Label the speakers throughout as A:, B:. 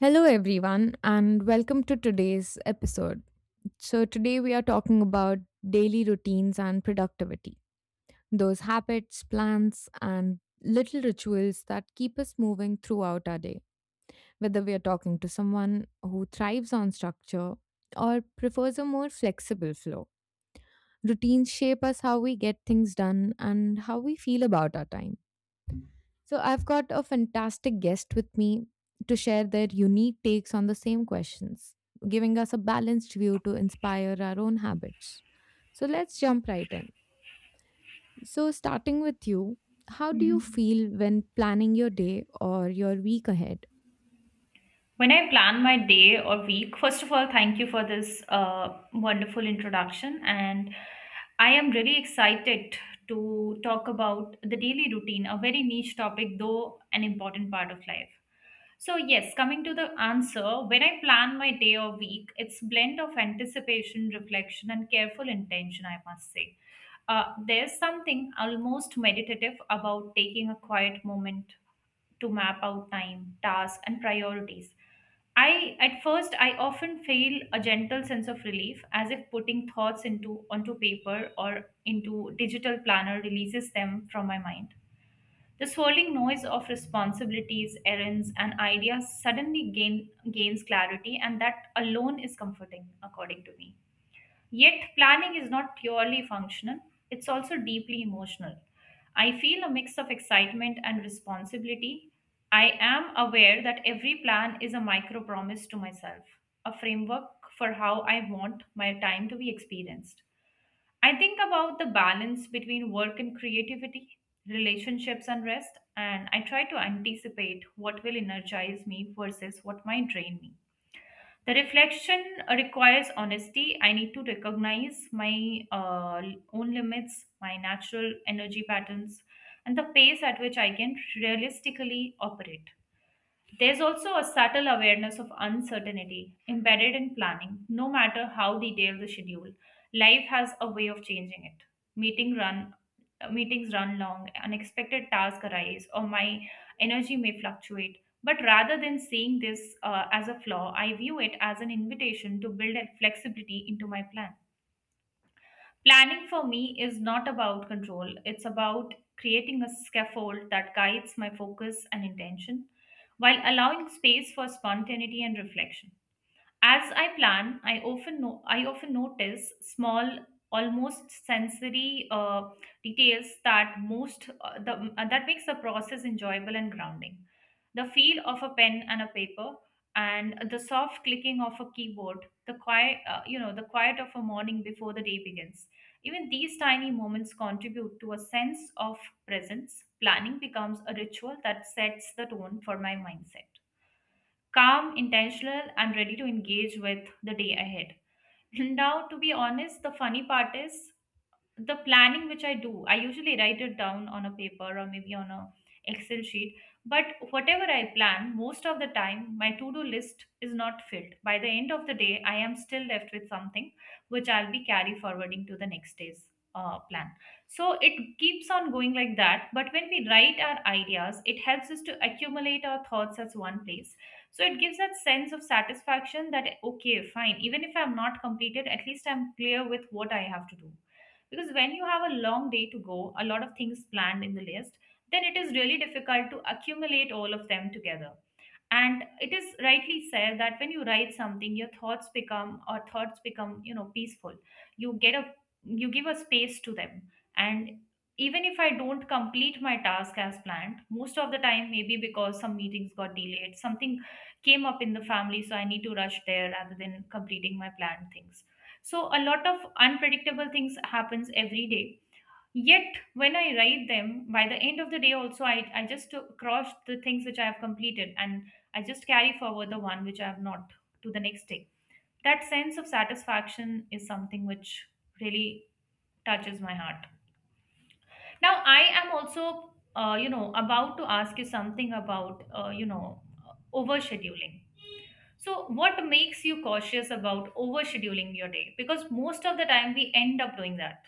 A: Hello, everyone, and welcome to today's episode. So, today we are talking about daily routines and productivity, those habits, plans, and little rituals that keep us moving throughout our day. Whether we are talking to someone who thrives on structure or prefers a more flexible flow, routines shape us how we get things done and how we feel about our time. So I've got a fantastic guest with me to share their unique takes on the same questions, giving us a balanced view to inspire our own habits. So let's jump right in. So, starting with you, how do you feel when planning your day or your week ahead?
B: When I plan my day or week, first of all, thank you for this wonderful introduction. And I am really excited to talk about the daily routine, a very niche topic, though an important part of life. So, yes, coming to the answer, when I plan my day or week, it's blend of anticipation, reflection, and careful intention, I must say. There's something almost meditative about taking a quiet moment to map out time, tasks, and priorities. I at first I often feel a gentle sense of relief as if putting thoughts into onto paper or into digital planner releases them from my mind. The swirling noise of responsibilities, errands, and ideas suddenly gains clarity, and that alone is comforting, according to me. Yet, planning is not purely functional, it's also deeply emotional. I feel a mix of excitement and responsibility. I am aware that every plan is a micro promise to myself, a framework for how I want my time to be experienced. I think about the balance between work and creativity, relationships and rest, and I try to anticipate what will energize me versus what might drain me. The reflection requires honesty. I need to recognize my own limits, my natural energy patterns, and the pace at which I can realistically operate. There's also a subtle awareness of uncertainty embedded in planning, no matter how detailed the schedule. Life has a way of changing it. Meeting run, Meetings run long, unexpected tasks arise, or my energy may fluctuate. But rather than seeing this as a flaw, I view it as an invitation to build a flexibility into my plan. Planning for me is not about control, it's about creating a scaffold that guides my focus and intention while allowing space for spontaneity and reflection. As I plan, I often no- I often notice small, almost sensory details that that makes the process enjoyable and grounding. The feel of a pen and a paper, and the soft clicking of a keyboard, the quiet, the quiet of a morning before the day begins. Even these tiny moments contribute to a sense of presence. Planning becomes a ritual that sets the tone for my mindset: calm, intentional, and ready to engage with the day ahead. Now, to be honest, the funny part is the planning which I do, I usually write it down on a paper or maybe on a Excel sheet. But whatever I plan, most of the time my to-do list is not filled. By the end of the day, I am still left with something which I'll be carry forwarding to the next day's plan. So it keeps on going like that. But when we write our ideas, it helps us to accumulate our thoughts as one place. So it gives that sense of satisfaction that okay, fine, even if I'm not completed, at least I'm clear with what I have to do, because when you have a long day to go, a lot of things planned in the list, then it is really difficult to accumulate all of them together. And it is rightly said that when you write something your thoughts become, or thoughts become, peaceful. You get a, you give a space to them. And even if I don't complete my task as planned most of the time, maybe because some meetings got delayed, something came up in the family so I need to rush there rather than completing my planned things, so a lot of unpredictable things happens every day. Yet, when I write them, by the end of the day, also, I just crossed the things which I have completed and I just carry forward the one which I have not to the next day. That sense of satisfaction is something which really touches my heart. Now, I am also, about to ask you something about, overscheduling. So, what makes you cautious about overscheduling your day? Because most of the time we end up doing that.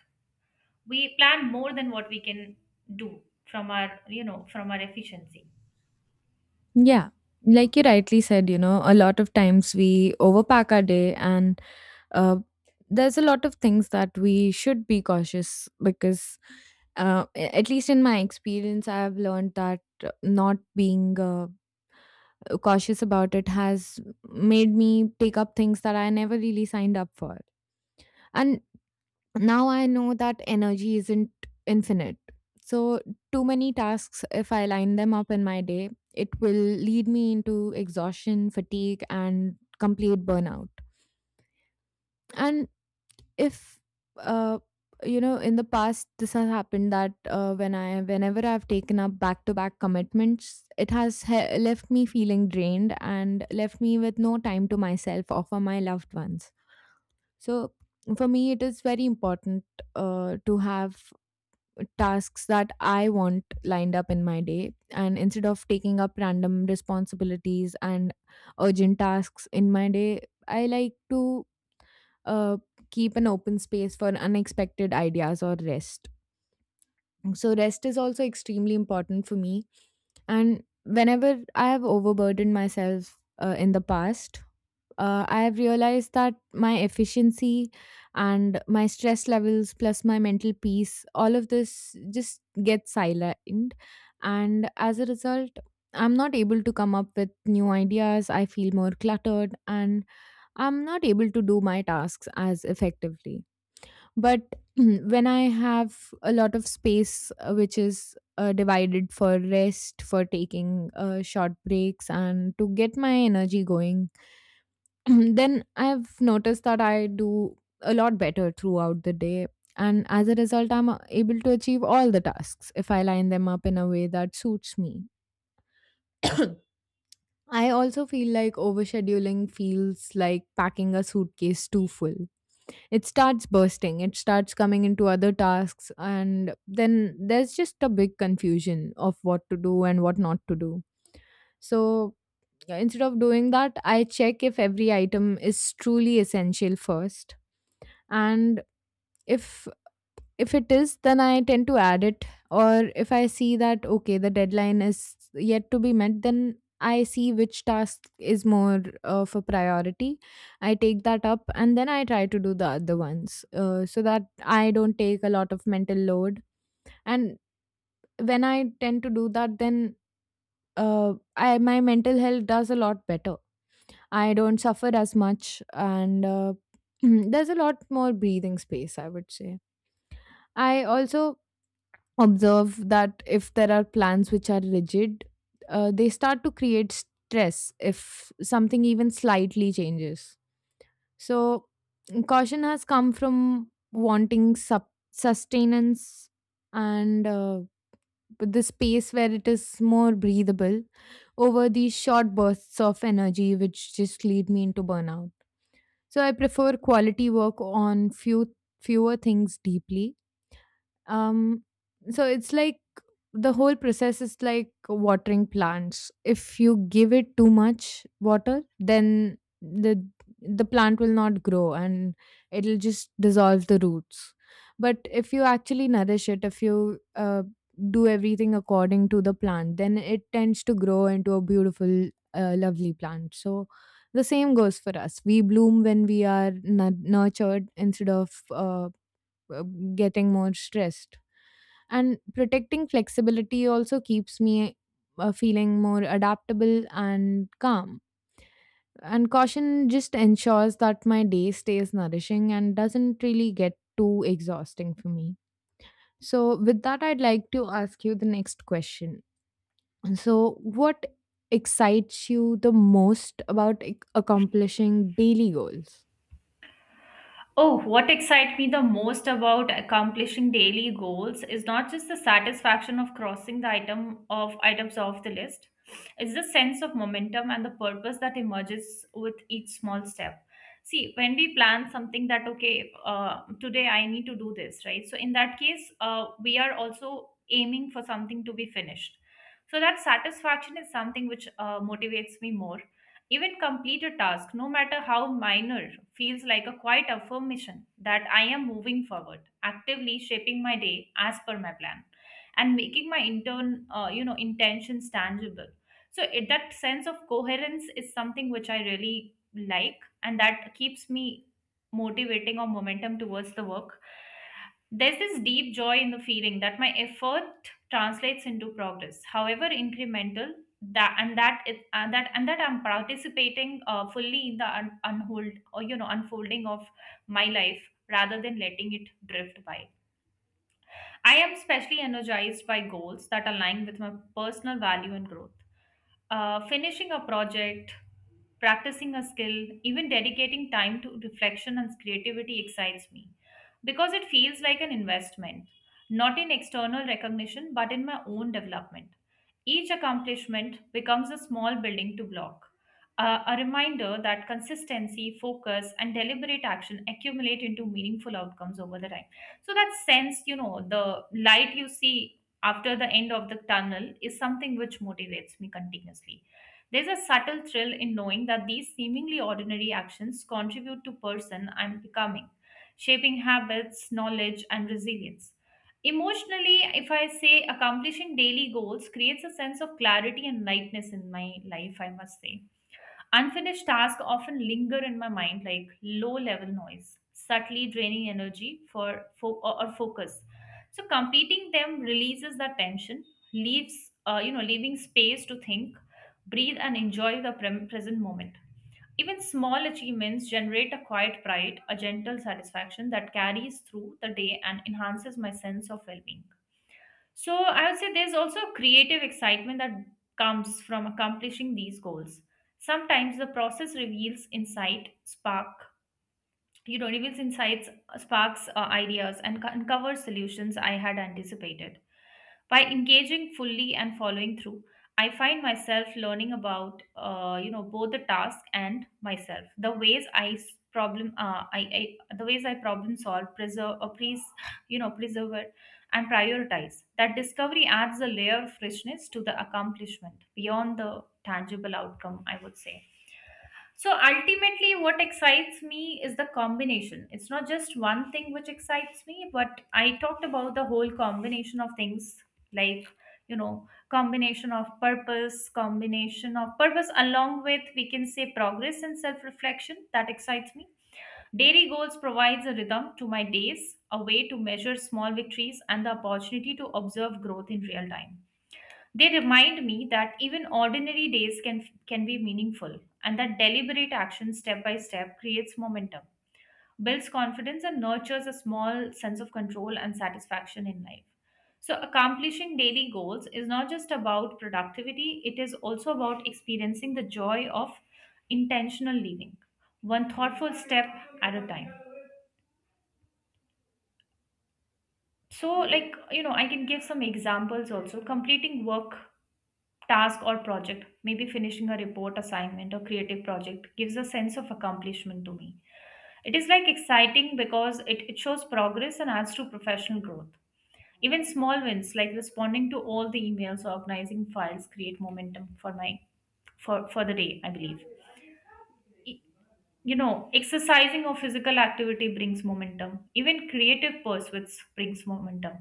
B: We plan more than what we can do from our, from our efficiency.
A: Yeah, like you rightly said, a lot of times we overpack our day and uh, there's a lot of things that we should be cautious because at least in my experience I have learned that not being cautious about it has made me take up things that I never really signed up for. And now I know that energy isn't infinite, so too many tasks, if I line them up in my day, it will lead me into exhaustion, fatigue, and complete burnout. And if uh, in the past this has happened that whenever I've taken up back to back commitments, it has left me feeling drained and left me with no time to myself or for my loved ones. So for me it is very important to have tasks that I want lined up in my day, and instead of taking up random responsibilities and urgent tasks in my day, I like to uh, keep an open space for unexpected ideas or rest. So, rest is also extremely important for me. And whenever I have overburdened myself in the past, I have realized that my efficiency and my stress levels, plus my mental peace, all of this just gets sidelined. And as a result, I'm not able to come up with new ideas. I feel more cluttered and I'm not able to do my tasks as effectively. But when I have a lot of space, which is divided for rest, for taking short breaks, and to get my energy going, then I've noticed that I do a lot better throughout the day. And as a result, I'm able to achieve all the tasks if I line them up in a way that suits me. I also feel like overscheduling feels like packing a suitcase too full. It starts bursting, it starts coming into other tasks, and then there's just a big confusion of what to do and what not to do. So yeah, instead of doing that, I check if every item is truly essential first. And if if it is, then I tend to add it. Or if I see that, okay, the deadline is yet to be met, then I see which task is more of a priority. I take that up and then I try to do the other ones so that I don't take a lot of mental load. And when I tend to do that, then my mental health does a lot better. I don't suffer as much, and there's a lot more breathing space, I would say. I also observe that if there are plans which are rigid, they start to create stress if something even slightly changes. So, caution has come from wanting sustenance and the space where it is more breathable over these short bursts of energy which just lead me into burnout. So, I prefer quality work on fewer things deeply. um so it's like the whole process is like watering plants. If you give it too much water, then the plant will not grow and it'll just dissolve the roots. But if you actually nourish it, if you do everything according to the plant, then it tends to grow into a beautiful lovely plant. So the same goes for us: we bloom when we are nurtured instead of uh, getting more stressed. And protecting flexibility also keeps me feeling more adaptable and calm, and caution just ensures that my day stays nourishing and doesn't really get too exhausting for me. So with that, I'd like to ask you the next question. So what excites you the most about accomplishing daily goals?
B: Oh, what excites me the most about accomplishing daily goals is not just the satisfaction of crossing the item of items off the list. It's the sense of momentum and the purpose that emerges with each small step. See, when we plan something that okay, today I need to do this, right? So in that case, we are also aiming for something to be finished. So that satisfaction is something which motivates me more. Even complete a task, no matter how minor, feels like a quiet affirmation that I am moving forward, actively shaping my day as per my plan, and making my intentions tangible. So it, that sense of coherence is something which I really like, and that keeps me motivating or momentum towards the work. There's this deep joy in the feeling that my effort translates into progress, however incremental, that and that is that and that I'm participating fully in the unhold or you know unfolding of my life, rather than letting it drift by. I am especially energized by goals that align with my personal value and growth. Finishing a project, practicing a skill, even dedicating time to reflection and creativity excites me because it feels like an investment, not in external recognition but in my own development. Each accomplishment becomes a small building to block, a reminder that consistency, focus, and deliberate action accumulate into meaningful outcomes over the time. So that sense, the light you see after the end of the tunnel is something which motivates me continuously. There's a subtle thrill in knowing that these seemingly ordinary actions contribute to person I'm becoming, shaping habits, knowledge and resilience. Emotionally, if I say accomplishing daily goals creates a sense of clarity and lightness in my life, I must say. Unfinished tasks often linger in my mind like low level noise, subtly draining energy for fo- or focus. So completing them releases that tension, leaves, leaving space to think, breathe, and enjoy the present moment. Even small achievements generate a quiet pride, a gentle satisfaction that carries through the day and enhances my sense of well-being. So I would say there's also a creative excitement that comes from accomplishing these goals. Sometimes the process reveals insight, spark, reveals insights, sparks ideas, and uncovers solutions I had anticipated. By engaging fully and following through, I find myself learning about both the task and myself. The ways I s- problem I the ways I problem solve, preserve, or please, preserve it and prioritize. That discovery adds a layer of freshness to the accomplishment beyond the tangible outcome, I would say. So ultimately, what excites me is the combination. It's not just one thing which excites me, but I talked about the whole combination of things like, combination of purpose, along with we can say progress and self reflection. That excites me. Dairy Goals provides a rhythm to my days, a way to measure small victories, and the opportunity to observe growth in real time. They remind me that even ordinary days can be meaningful and that deliberate action step by step creates momentum, builds confidence and nurtures a small sense of control and satisfaction in life. So accomplishing daily goals is not just about productivity, it is also about experiencing the joy of intentional living, one thoughtful step at a time. So, like, I can give some examples also. Completing work task or project, maybe finishing a report assignment or creative project, gives a sense of accomplishment to me. It is like exciting because it shows progress and adds to professional growth. Even small wins like responding to all the emails or organizing files create momentum for the day, I believe. Exercising or physical activity brings momentum. Even creative pursuits brings momentum,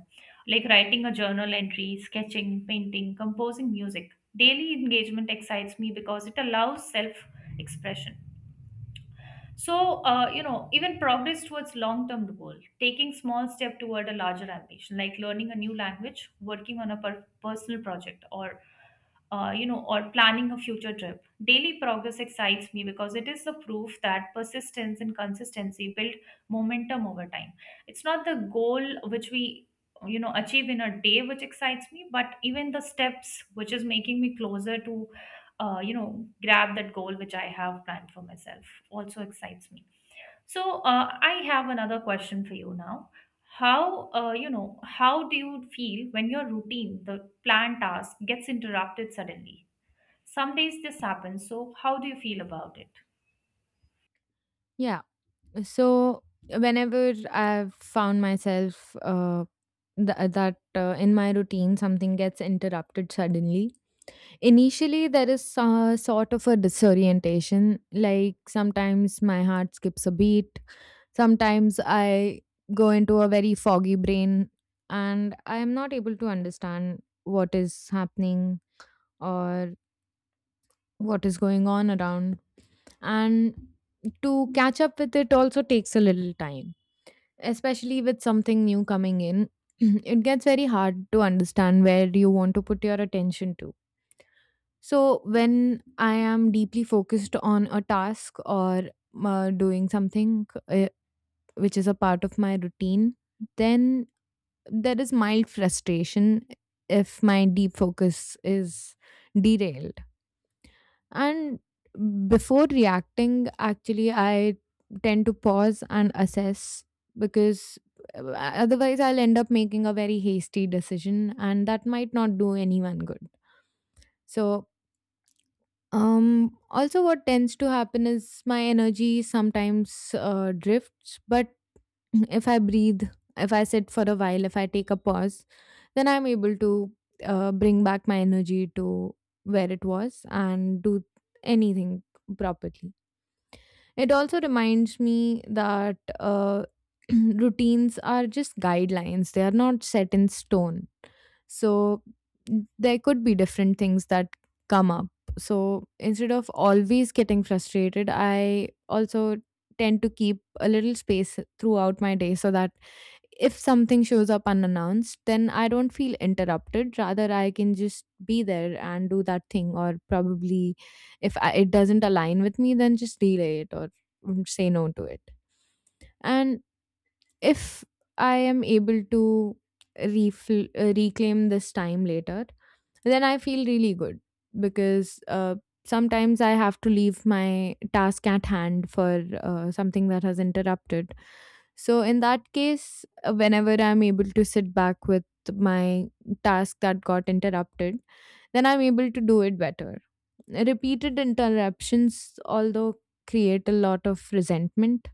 B: like writing a journal entry, sketching, painting, composing music. Daily engagement excites me because it allows self expression. So, even progress towards long term goal, taking small step toward a larger ambition, like learning a new language, working on a personal project, or or planning a future trip. Daily progress excites me because it is the proof that persistence and consistency build momentum over time. It's not the goal which we achieve in a day which excites me, but even the steps which is making me closer to grab that goal which I have planned for myself also excites me. So I have another question for you now. How how do you feel when your routine, the planned task, gets interrupted suddenly? Some days this happens, so how do you feel about it?
A: Yeah. So whenever I've found myself th- that in my routine something gets interrupted suddenly, initially there is sort of a disorientation. Like sometimes my heart skips a beat. Sometimes I go into a very foggy brain, and I am not able to understand what is happening or what is going on around. And to catch up with it also takes a little time, especially with something new coming in. It gets very hard to understand where you want to put your attention to. So, when I am deeply focused on a task or doing something which is a part of my routine, then there is mild frustration if my deep focus is derailed. And before reacting, actually, I tend to pause and assess, because otherwise I'll end up making a very hasty decision and that might not do anyone good. So, also, what tends to happen is my energy sometimes drifts, but if I breathe, if I sit for a while, if I take a pause, then I'm able to bring back my energy to where it was and do anything properly. It also reminds me that routines are just guidelines, they are not set in stone. So there could be different things that come up. So instead of always getting frustrated, I also tend to keep a little space throughout my day so that if something shows up unannounced, then I don't feel interrupted. Rather, I can just be there and do that thing, or probably if I, it doesn't align with me, then just delay it or mm, say no to it. And if I am able to reclaim this time later, then I feel really good, because sometimes I have to leave my task at hand for something that has interrupted. So in that case, whenever I'm able to sit back with my task that got interrupted, then I'm able to do it better. Repeated interruptions, although, create a lot of resentment,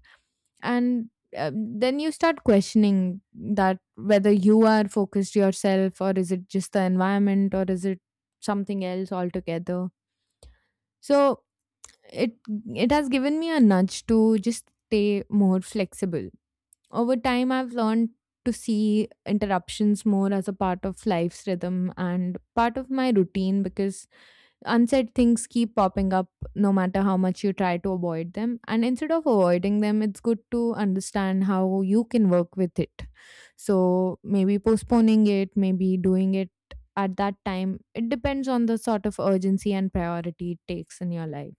A: and then you start questioning that whether you are focused yourself, or is it just the environment, or is it something else altogether. So it it has given me a nudge to just stay more flexible. Over time, I've learned to see interruptions more as a part of life's rhythm and part of my routine, because unsaid things keep popping up no matter how much you try to avoid them. And instead of avoiding them, it's good to understand how you can work with it. So maybe postponing it, maybe doing it at that time. It depends on the sort of urgency and priority it takes in your life.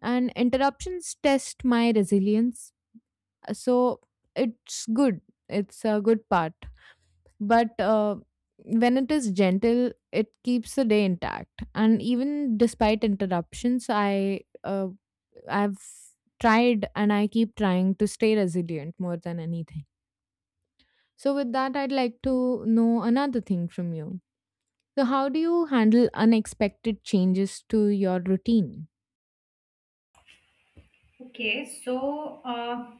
A: And interruptions test my resilience. So it's good. It's a good part, but when it is gentle it keeps the day intact, and even despite interruptions I've tried and I keep trying to stay resilient more than anything. So with that, I'd like to know another thing from you. So how do you handle unexpected changes to your routine?
B: Okay, so uh,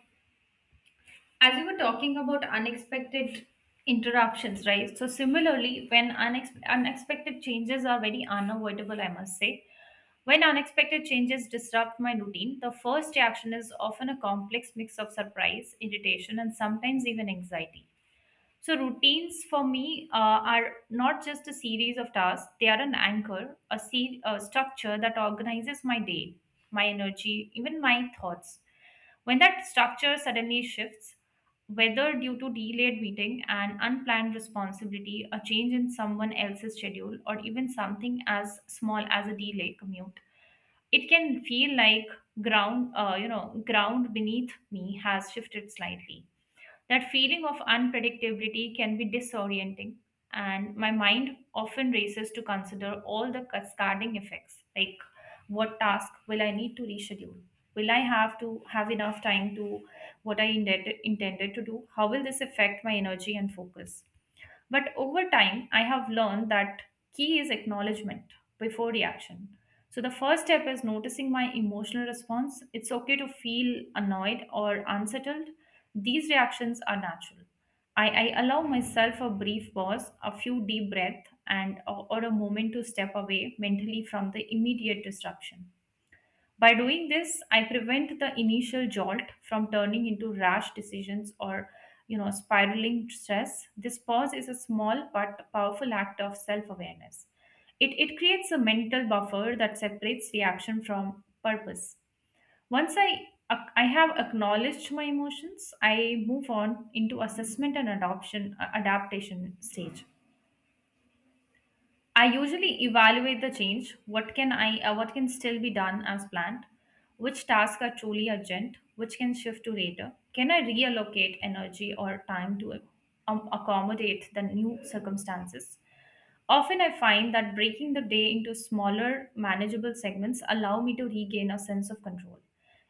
B: as you were talking about unexpected interruptions, right? So similarly, when unexpected changes are very unavoidable, I must say, when unexpected changes disrupt my routine, the first reaction is often a complex mix of surprise, irritation, and sometimes even anxiety. So, routines for me are not just a series of tasks, they are an anchor, a structure that organizes my day, my energy, even my thoughts. When that structure suddenly shifts, whether due to delayed meeting, an unplanned responsibility, a change in someone else's schedule, or even something as small as a delay commute, it can feel like ground beneath me has shifted slightly. That feeling of unpredictability can be disorienting, and my mind often races to consider all the cascading effects, like what task will I need to reschedule? Will I have to have enough time to what intended to do? How will this affect my energy and focus? But over time, I have learned that key is acknowledgement before reaction. So the first step is noticing my emotional response. It's okay to feel annoyed or unsettled. These reactions are natural. I allow myself a brief pause, a few deep breaths, and or a moment to step away mentally from the immediate disruption. By doing this, I prevent the initial jolt from turning into rash decisions or spiraling stress. This pause is a small but powerful act of self-awareness. It creates a mental buffer that separates reaction from purpose. Once I have acknowledged my emotions, I move on into assessment and adoption adaptation stage. I usually evaluate the change. What can what can still be done as planned? Which tasks are truly urgent? Which can shift to later? Can I reallocate energy or time to accommodate the new circumstances? Often I find that breaking the day into smaller, manageable segments allow me to regain a sense of control.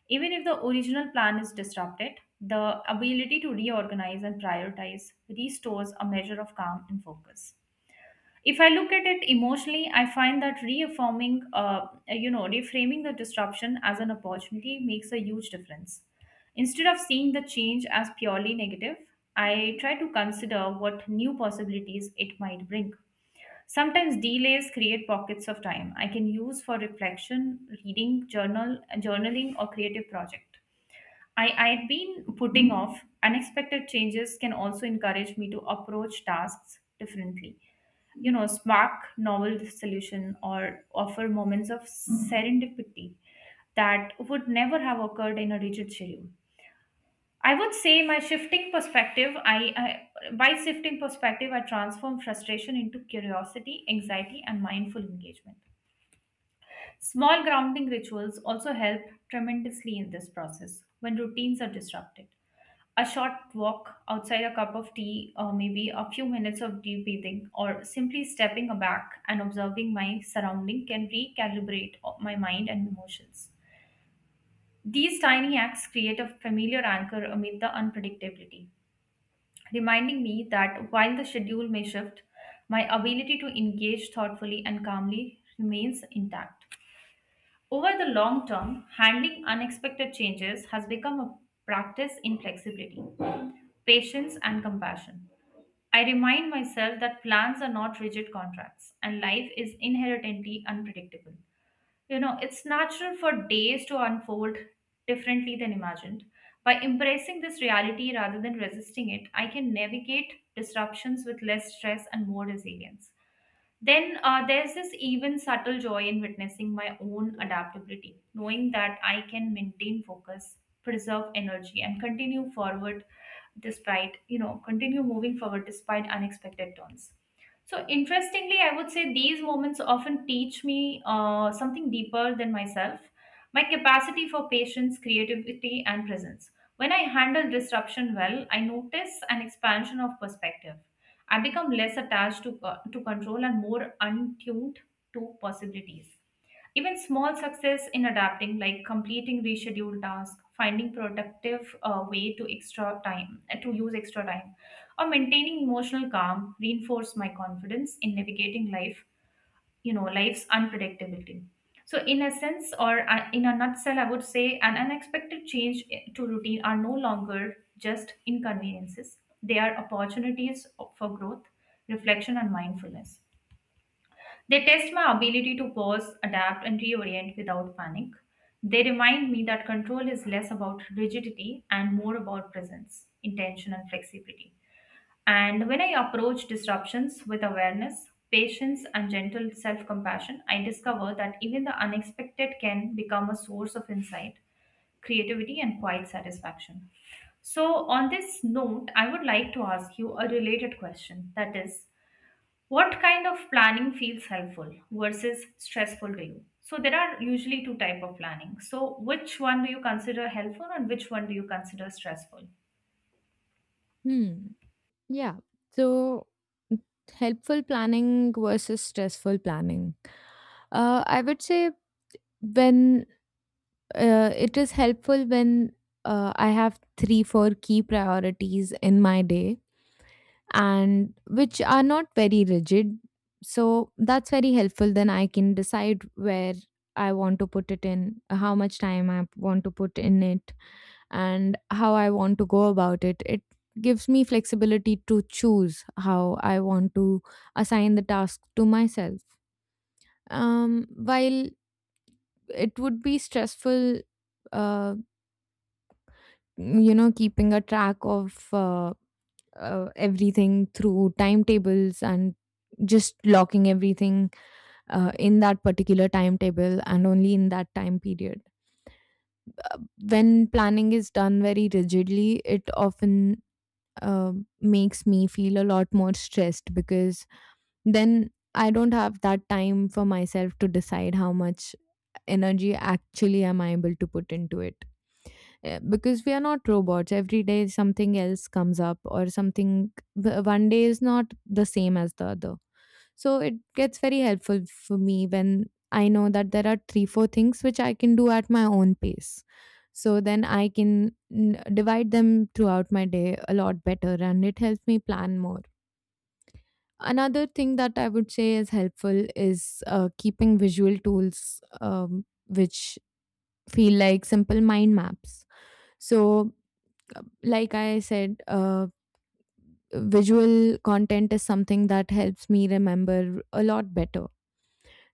B: Even if the original plan is disrupted, the ability to reorganize and prioritize restores a measure of calm and focus. If I look at it emotionally, I find that reaffirming you know reframing the disruption as an opportunity makes a huge difference. Instead of seeing the change as purely negative, I try to consider what new possibilities it might bring. Sometimes delays create pockets of time I can use for reflection, reading journal journaling, or creative project I had been putting off. Unexpected changes can also encourage me to approach tasks differently, spark novel solution, or offer moments of serendipity that would never have occurred in a rigid schedule. I would say my shifting perspective, I by shifting perspective, I transform frustration into curiosity, anxiety, and mindful engagement. Small grounding rituals also help tremendously in this process. When routines are disrupted, a short walk outside, a cup of tea, or maybe a few minutes of deep breathing, or simply stepping back and observing my surrounding can recalibrate my mind and emotions. These tiny acts create a familiar anchor amid the unpredictability, reminding me that while the schedule may shift, my ability to engage thoughtfully and calmly remains intact. Over the long term, handling unexpected changes has become a practice in flexibility, patience, and compassion. I remind myself that plans are not rigid contracts and life is inherently unpredictable. You know, it's natural for days to unfold differently than imagined. By embracing this reality rather than resisting it, I can navigate disruptions with less stress and more resilience. Then there's this even subtle joy in witnessing my own adaptability, knowing that I can maintain focus, preserve energy, and continue forward despite, you know, continue moving forward despite unexpected turns. So, interestingly, I would say these moments often teach me something deeper than myself, my capacity for patience, creativity, and presence. When I handle disruption well, I notice an expansion of perspective. I become less attached to control and more untuned to possibilities. Even small success in adapting, like completing rescheduled tasks, finding productive way to extra time to use extra time, or maintaining emotional calm, reinforce my confidence in navigating life, life's unpredictability. So in a sense, or in a nutshell, I would say an unexpected change to routine are no longer just inconveniences, they are opportunities for growth, reflection, and mindfulness. They test my ability to pause, adapt, and reorient without panic. They remind me that control is less about rigidity and more about presence, intention, and flexibility. And when I approach disruptions with awareness, patience, and gentle self compassion, I discover that even the unexpected can become a source of insight, creativity, and quiet satisfaction. So, on this note, I would like to ask you a related question, that is, what kind of planning feels helpful versus stressful to you? So, there are usually two type of planning. So, which one do you consider helpful and which one do you consider stressful?
A: Hmm. Yeah. So helpful planning versus stressful planning. I would say when it is helpful when I have three, four key priorities in my day, and which are not very rigid. So that's very helpful. Then I can decide where I want to put it in, how much time I want to put in it, and how I want to go about it. It gives me flexibility to choose how I want to assign the task to myself. While it would be stressful, uh, keeping a track of everything through timetables and just locking everything in that particular timetable and only in that time period, when planning is done very rigidly, it often uh, makes me feel a lot more stressed, because then I don't have that time for myself to decide how much energy actually am I able to put into it. Because we are not robots, every day something else comes up, or something one day is not the same as the other. So it gets very helpful for me when I know that there are three four things which I can do at my own pace, so then I can divide them throughout my day a lot better, and it helps me plan more. Another thing that I would say is helpful is keeping visual tools, which feel like simple mind maps. So, like I said, visual content is something that helps me remember a lot better.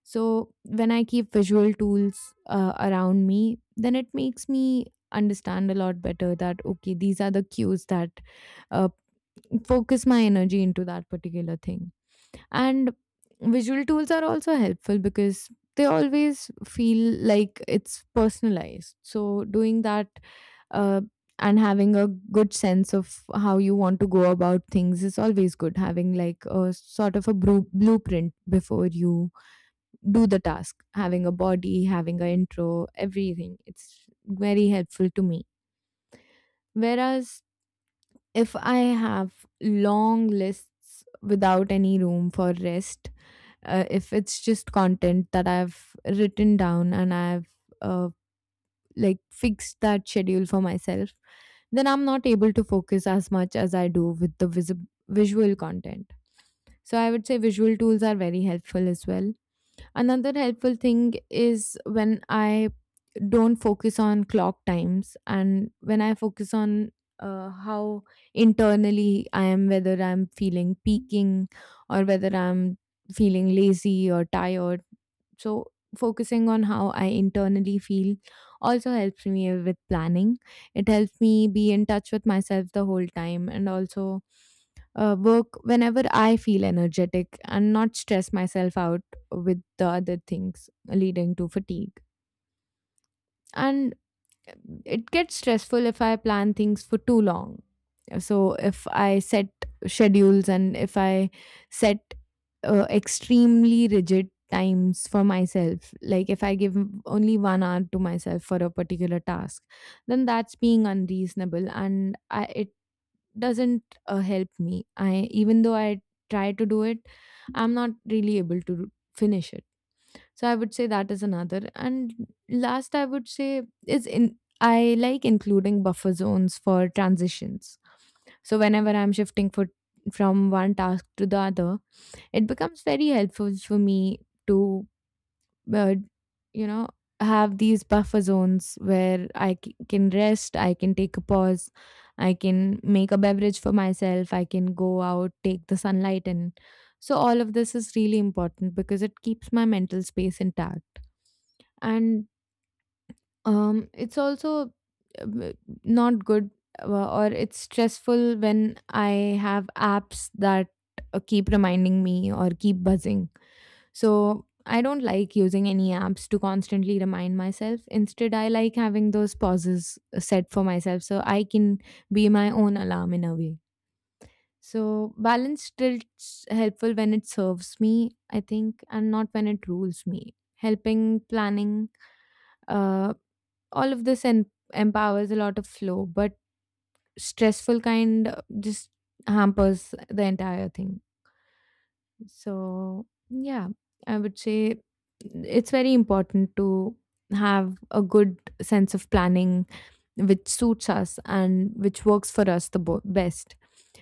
A: So when I keep visual tools around me, then it makes me understand a lot better that okay, these are the cues that uh, focus my energy into that particular thing. And visual tools are also helpful because they always feel like it's personalized, so doing that, uh, and having a good sense of how you want to go about things is always good, having like a sort of a blueprint before you do the task, having a body, having a intro, everything, it's very helpful to me. Whereas if I have long lists without any room for rest, if it's just content that I've written down and I've uh, like fix that schedule for myself, then I'm not able to focus as much as I do with the visual content. So I would say visual tools are very helpful as well. Another helpful thing is when I don't focus on clock times and when I focus on how internally I am, whether I'm feeling peaking or whether I'm feeling lazy or tired. So, focusing on how I internally feel also helps me with planning. It helps me be in touch with myself the whole time, and also work whenever I feel energetic and not stress myself out with the other things leading to fatigue. And it gets stressful if I plan things for too long. So if I set schedules, and if I set extremely rigid times for myself, like if I give only 1 hour to myself for a particular task, then that's being unreasonable, and I, it doesn't help me. I, even though I try to do it, I'm not really able to finish it. So I would say that is another. And last, I would say is in I like including buffer zones for transitions. So whenever I'm shifting for from one task to the other, it becomes very helpful for me to, uh, you know, have these buffer zones where I can rest, I can take a pause, I can make a beverage for myself, I can go out, take the sunlight in. So all of this is really important because it keeps my mental space intact. And it's also uh, not good, or it's stressful when I have apps that keep reminding me or keep buzzing. So I don't like using any apps to constantly remind myself. Instead, I like having those pauses set for myself so I can be my own alarm in a way. So balance still helpful when it serves me, I think, and not when it rules me. Helping planning, uh, all of this empowers a lot of flow, but stressful kind just hampers the entire thing. So, yeah, I would say it's very important to have a good sense of planning which suits us and which works for us the best.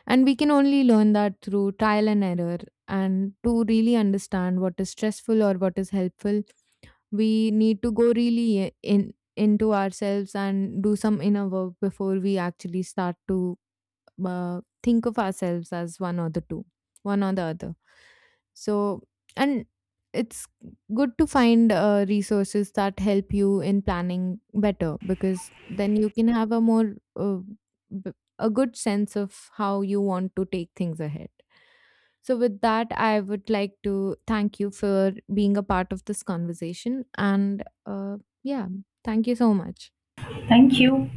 A: And we can only learn that through trial and error, and to really understand what is stressful or what is helpful, we need to go really in into ourselves and do some inner work before we actually start to think of ourselves as one or the two, one or the other. So, and it's good to find resources that help you in planning better, because then you can have b- a good sense of how you want to take things ahead. So, with that, I would like to thank you for being a part of this conversation. And yeah, thank you so much.
B: Thank you.